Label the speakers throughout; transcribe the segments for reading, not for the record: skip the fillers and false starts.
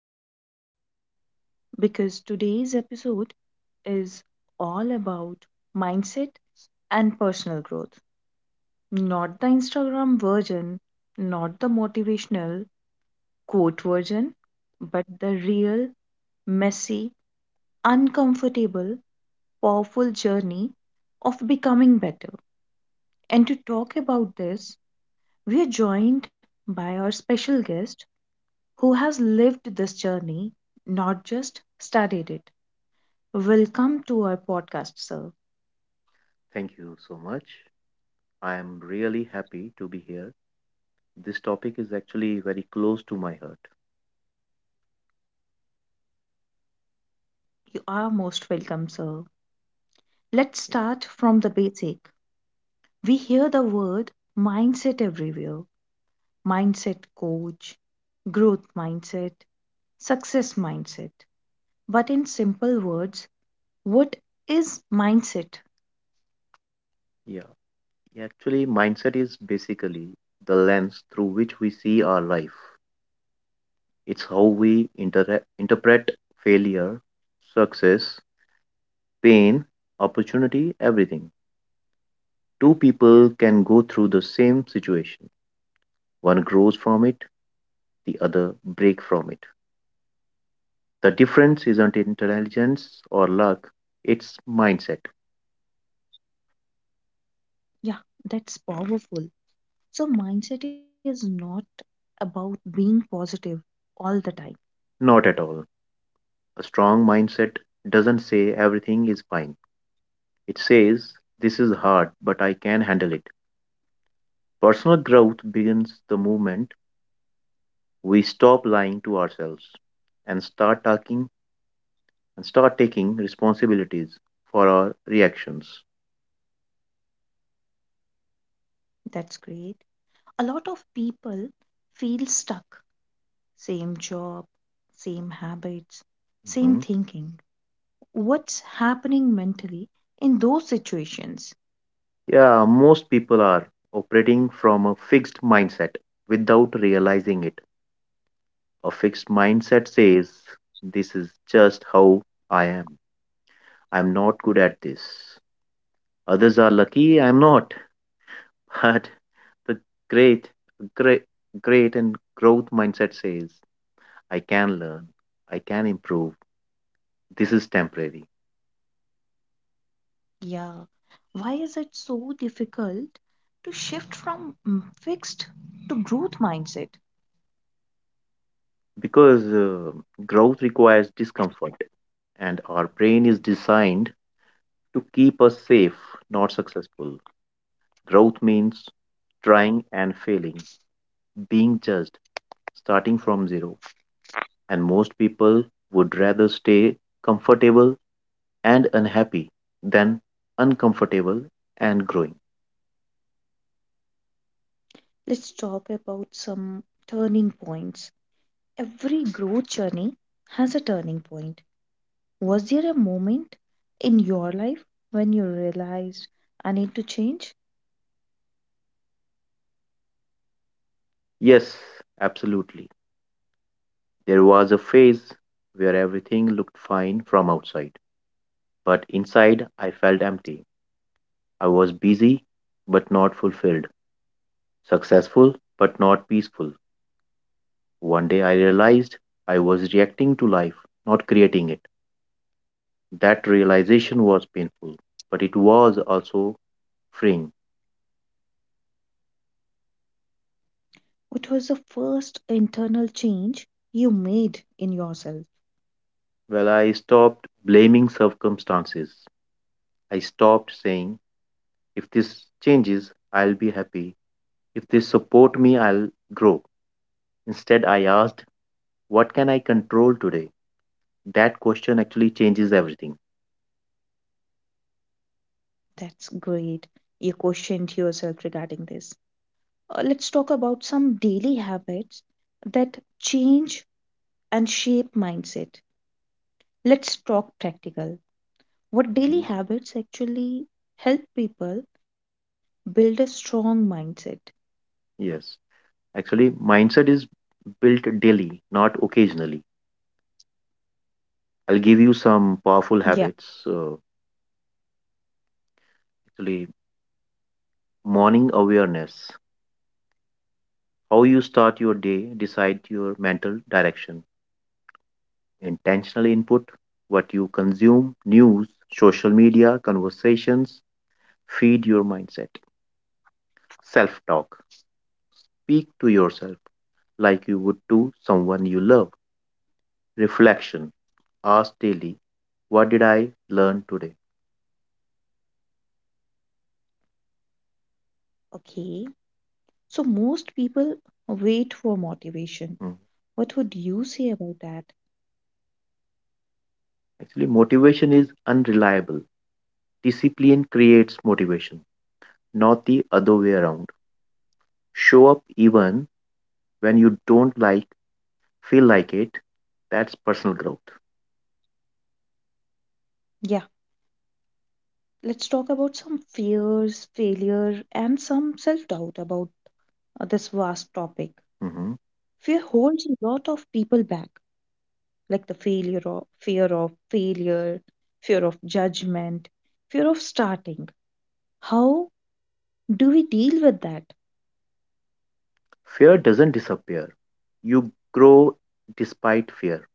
Speaker 1: growing? Because today's episode is all about mindset and personal growth, not the Instagram version, not the motivational quote version, but the real, messy, uncomfortable, powerful journey of becoming better. And to talk about this, we are joined by our special guest who has lived this journey, not just studied it. Welcome to our podcast, sir.
Speaker 2: Thank you so much. I am really happy to be here. This topic is actually very close to my heart.
Speaker 1: You are most welcome, sir. Let's
Speaker 2: Yeah.
Speaker 1: start from the basic. We hear the word mindset everywhere. Mindset coach, growth mindset, success mindset. But in simple words, what is mindset?
Speaker 2: Yeah. Yeah, actually, mindset is basically the lens through which we see our life. It's how we interpret failure, success, pain, opportunity, everything. Two people can go through the same situation. One grows from it, the other break from it. The difference isn't intelligence or luck, it's mindset.
Speaker 1: Yeah, that's powerful. So, mindset is not about being positive all the time.
Speaker 2: Not at all. A strong mindset doesn't say everything is fine. It says, this is hard, but I can handle it. Personal growth begins the moment we stop lying to ourselves and start talking and start taking responsibilities for our reactions.
Speaker 1: That's great. A lot of people feel stuck. Same job, same habits, same
Speaker 2: Mhm.
Speaker 1: thinking. What's happening mentally in those situations?
Speaker 2: Yeah, most people are operating from a fixed mindset without realizing it. A fixed mindset says, this is just how I am. I'm not good at this. Others are lucky I'm not. But the great, great, great and growth mindset says, I can learn, I can improve. This is temporary.
Speaker 1: Yeah. Why is it so difficult to shift from fixed to growth mindset?
Speaker 2: Because growth requires discomfort, and our brain is designed to keep us safe, not successful. Growth means trying and failing, being judged, starting from zero. And most people would rather stay comfortable and unhappy then uncomfortable and growing.
Speaker 1: Let's talk about some turning points. Every growth journey has a turning point. Was there a moment in your life when you realized I need to change?
Speaker 2: Yes, absolutely. There was a phase where everything looked fine from outside, but inside I felt empty. I was busy but not fulfilled, successful but not peaceful. One day I realized I was reacting to life, not creating it. That realization was painful, but it was also freeing.
Speaker 1: What was the first internal change you made in yourself?
Speaker 2: Well, I stopped blaming circumstances. I stopped saying, if this changes, I'll be happy. If they support me, I'll grow. Instead, I asked, what can I control today? That question actually changes everything.
Speaker 1: That's great. You questioned yourself regarding this. Let's talk about some daily habits that change and shape mindset. Let's talk practical. What
Speaker 2: Mhm.
Speaker 1: daily habits actually help people build a strong mindset?
Speaker 2: Yes, actually, mindset is built daily, not occasionally. I'll give you some powerful
Speaker 1: Yeah,
Speaker 2: habits. Actually, morning awareness. How you start your day decide your mental direction. Intentional input, what you consume, news, social media, conversations, feed your mindset. Self talk. Speak to yourself like you would to someone you love. Reflection. Ask daily, what did I learn today?
Speaker 1: okay. So most people wait for motivation.
Speaker 2: Mm.
Speaker 1: What would you say about that?
Speaker 2: Actually, motivation is unreliable. Discipline creates motivation, not the other way around. Show up even when you don't like, feel like it. That's personal growth.
Speaker 1: Yeah, let's talk about some fears, failure, and some self doubt about this vast topic.
Speaker 2: Mhm.
Speaker 1: Fear holds a lot of people back, like the failure of fear of failure, fear of judgment, fear of starting. How do we deal with that?
Speaker 2: Fear doesn't disappear. You grow despite fear.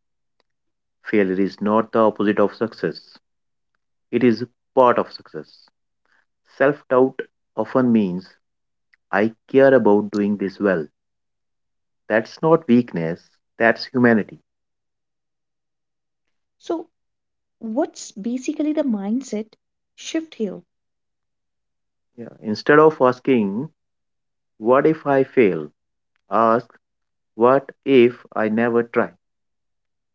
Speaker 2: Failure is not the opposite of success, it is part of success. Self doubt often means I care about doing this well. That's not weakness, that's humanity.
Speaker 1: So, what's basically the mindset shift here?
Speaker 2: Yeah. Instead of asking, what if I fail? Ask, what if I never try?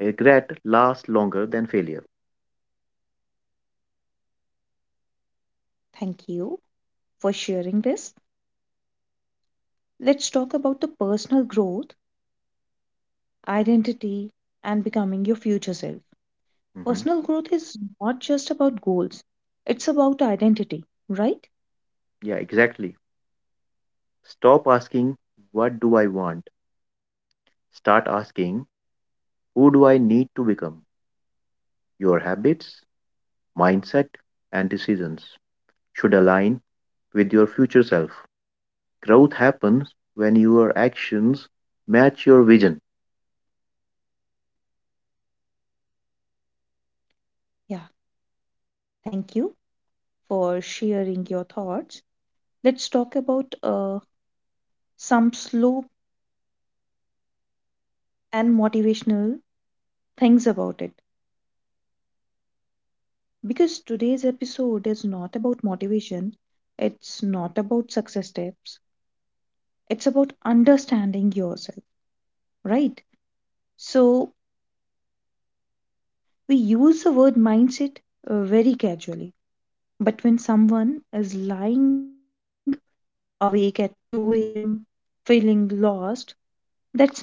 Speaker 2: Regret lasts longer than failure.
Speaker 1: Thank you for sharing this. Let's talk about the personal growth, identity, and becoming your future self.
Speaker 2: Hmm
Speaker 1: Personal growth is not just about goals, it's about identity, right?
Speaker 2: Yeah, exactly. Stop asking, what do I want? Start asking, who do I need to become? Your habits, mindset, and decisions should align with your future self. Growth happens when your actions match your vision.
Speaker 1: Yeah, thank you for sharing your thoughts. Let's talk about some slow and motivational things about it. Because today's episode is not about motivation, it's not about success tips, it's about understanding yourself, right? So, we use the word mindset very casually, but when someone is lying awake at 2 a.m., feeling lost, that's mindset too.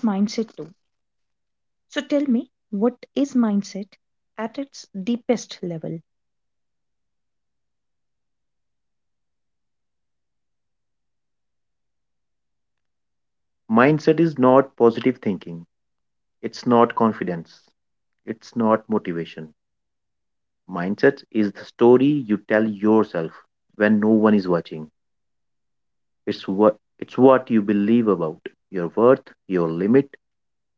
Speaker 1: So tell me, what is mindset at its deepest level?
Speaker 2: Mindset is not positive thinking, it's not confidence, it's not motivation. Mindset is the story you tell yourself when no one is watching. It's what you believe about your worth, your limit,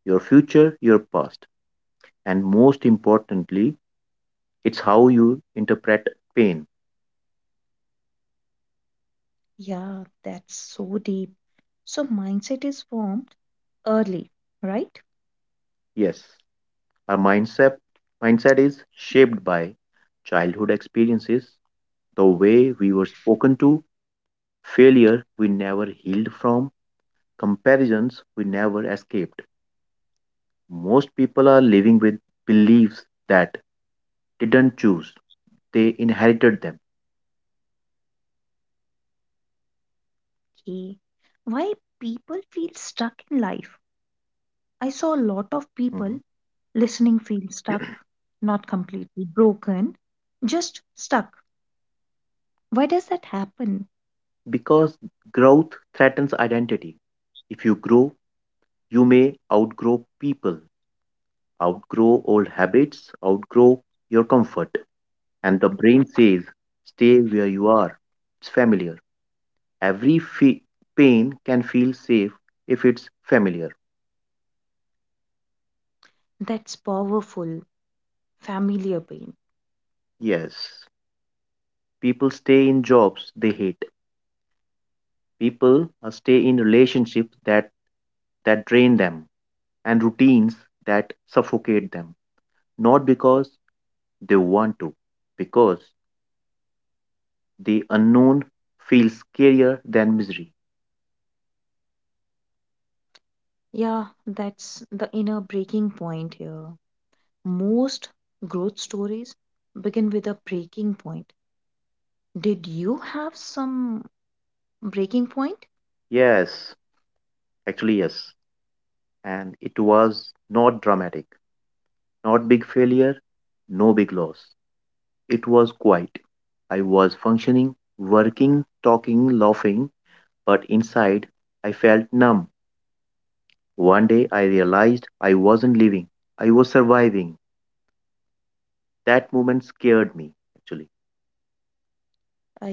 Speaker 2: your future, your past, and most importantly, it's how you interpret pain.
Speaker 1: Yeah, that's so deep. So mindset is formed early, right?
Speaker 2: Yes, our mindset is shaped by childhood experiences, the way we were spoken to, failure we never healed from, comparisons we never escaped. Most people are living with beliefs that they didn't choose, they inherited them.
Speaker 1: Okay. Why people feel stuck in life? I saw a lot of people
Speaker 2: Mhm.
Speaker 1: listening feel stuck, not completely broken, just stuck. Why does that happen?
Speaker 2: Because growth threatens identity. If you grow, you may outgrow people, outgrow old habits, outgrow your comfort. And the brain says, stay where you are. It's familiar. Every fe- Pain can feel safe if it's familiar.
Speaker 1: That's powerful, familiar pain.
Speaker 2: Yes, people stay in jobs they hate. People stay in relationships that drain them and routines that suffocate them. Not because they want to, because the unknown feels scarier than misery.
Speaker 1: Yeah, that's the inner breaking point here. Most growth stories begin with a breaking point. Did you have some breaking point?
Speaker 2: Yes, actually yes. And it was not dramatic, not big failure, no big loss. It was quiet. I was functioning, working, talking, laughing, but inside I felt numb. One day I realized I wasn't living, I was surviving. That moment scared me, actually.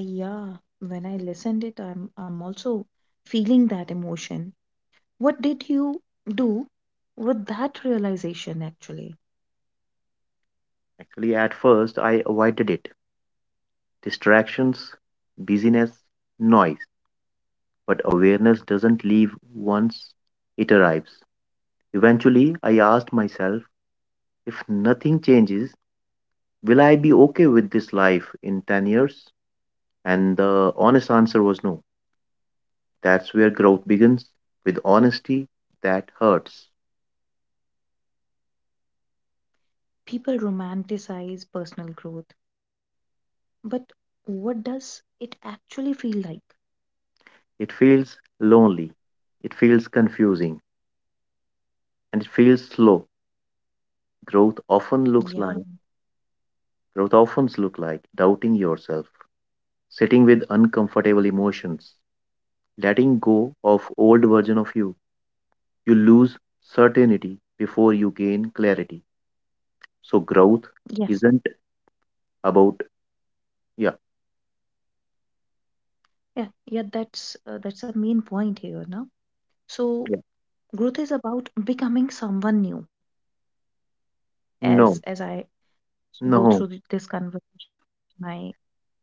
Speaker 1: Yeah, when I listened it, I'm also feeling that emotion. What did you do with that realization actually?
Speaker 2: Actually, at first I avoided it. Distractions, busyness, noise. But awareness doesn't leave once it arrives. Eventually, I asked myself, if nothing changes, will I be okay with this life in 10 years? And the honest answer was no. That's where growth begins, with honesty that hurts.
Speaker 1: People romanticize personal growth, but what does it actually feel like?
Speaker 2: It feels lonely, it feels confusing, and it feels slow. Growth often looks
Speaker 1: Yeah,
Speaker 2: like growth often look like doubting yourself, sitting with uncomfortable emotions, letting go of old version of you. You lose certainty before you gain clarity. So growth
Speaker 1: yes.
Speaker 2: isn't about yeah,
Speaker 1: Yeah, yeah, that's a main point here, no?
Speaker 2: yeah.
Speaker 1: So growth is about becoming someone new
Speaker 2: No,
Speaker 1: as I go
Speaker 2: no.
Speaker 1: through this conversation, I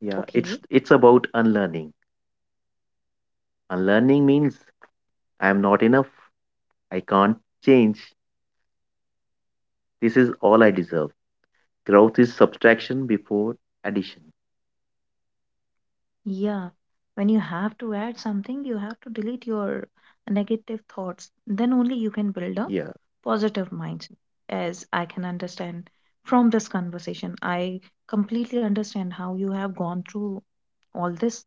Speaker 2: Yeah, it's about unlearning. Unlearning means I am not enough. I can't change. This is all I deserve. Growth is subtraction before addition.
Speaker 1: yeah. When you have to add something, you have to delete your negative thoughts. Then only you can build a
Speaker 2: Yeah.
Speaker 1: positive mindset. As I can understand from this conversation, I completely understand how you have gone through all these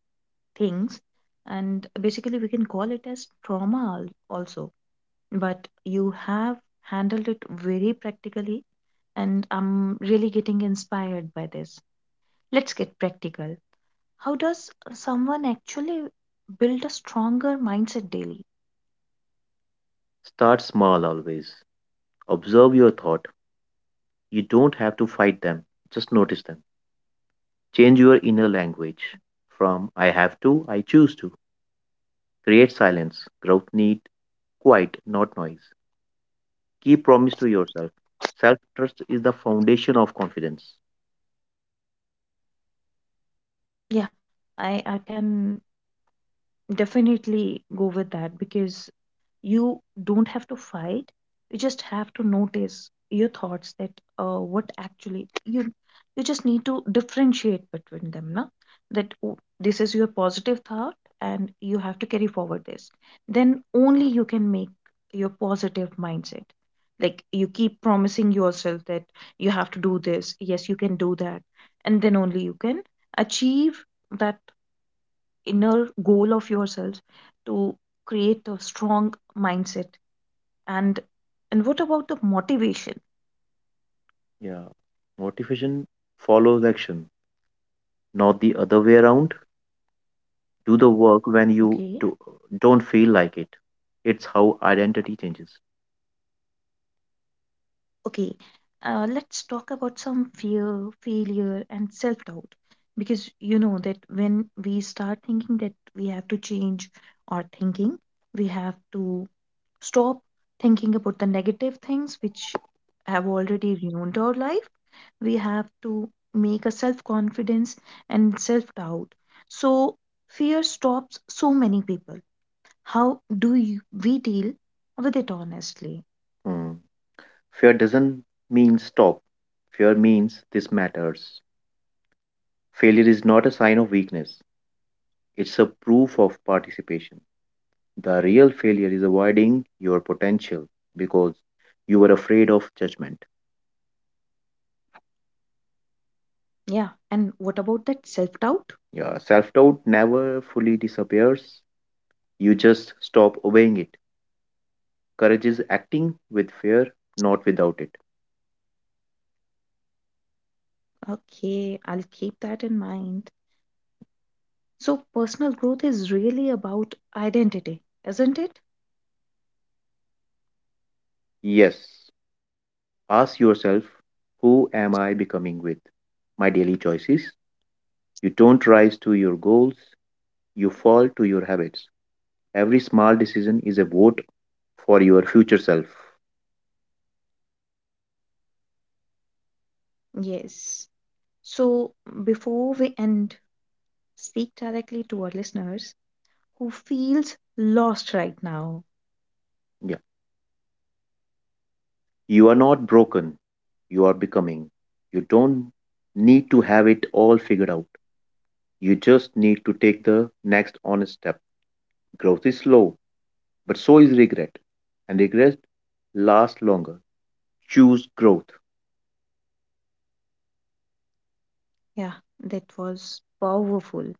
Speaker 1: things, and basically we can call it as trauma also. But you have handled it very practically and I'm really getting inspired by this. Let's get practical. How does someone actually build a stronger mindset daily?
Speaker 2: Start small always. Observe your thought. You don't have to fight them, just notice them. Change your inner language from I have to, I choose to. Create silence. Growth need quiet, not noise. Keep promise to yourself. Self trust is the foundation of confidence.
Speaker 1: Yeah, I can definitely go with that because you don't have to fight, you just have to notice your thoughts that what actually you, you just need to differentiate between them, na? That, oh, this is your positive thought and you have to carry forward this, then only you can make your positive mindset, like you keep promising yourself that you have to do this, yes you can do that, and then only you can achieve that inner goal of yourselves to create a strong mindset, and and what about the motivation?
Speaker 2: Yeah. Motivation follows action, not the other way around. Do the work when you do,
Speaker 1: Okay,
Speaker 2: don't feel like it. It's how identity changes.
Speaker 1: okay. Let's talk about some fear, failure and self-doubt because you know that when we start thinking that we have to change our thinking, we have to stop thinking about the negative things which have already ruined our life, we have to make a self confidence and self doubt. So, fear stops so many people. How do you, we deal with it honestly?
Speaker 2: Mm. Fear doesn't mean stop. Fear means this matters. Failure is not a sign of weakness, it's a proof of participation. The real failure is avoiding your potential because you were afraid of judgment.
Speaker 1: Yeah, and what about that self doubt?
Speaker 2: Yeah, self doubt never fully disappears, you just stop obeying it. Courage is acting with fear, not without it.
Speaker 1: Okay, I'll keep that in mind. So, personal growth is really about identity, isn't it?
Speaker 2: Yes, ask yourself, who am I becoming with my daily choices? You don't rise to your goals, you fall to your habits. Every small decision is a vote for your future self.
Speaker 1: Yes. So, before we end, speak directly to our listeners who feels lost right now.
Speaker 2: Yeah. You are not broken. You are becoming. You don't need to have it all figured out. You just need to take the next honest step. Growth is slow, but so is regret. And regret lasts longer. Choose growth.
Speaker 1: Yeah, that was powerful.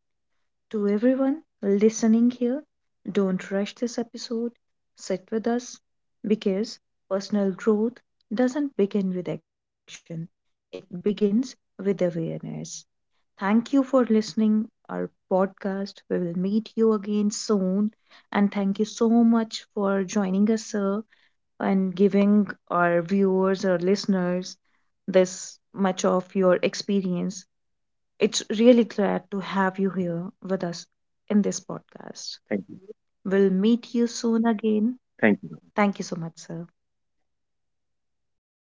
Speaker 1: To everyone listening here, don't rush this episode. Sit with us because personal growth doesn't begin with action, it begins with awareness. Thank you for listening our podcast. We will meet you again soon. And thank you so much for joining us, sir, and giving our viewers or listeners this much of your experience. It's really glad to have you here with us in this
Speaker 2: Thank
Speaker 1: podcast.
Speaker 2: you.
Speaker 1: We'll meet you soon again.
Speaker 2: Thank you.
Speaker 1: Thank you so much, sir.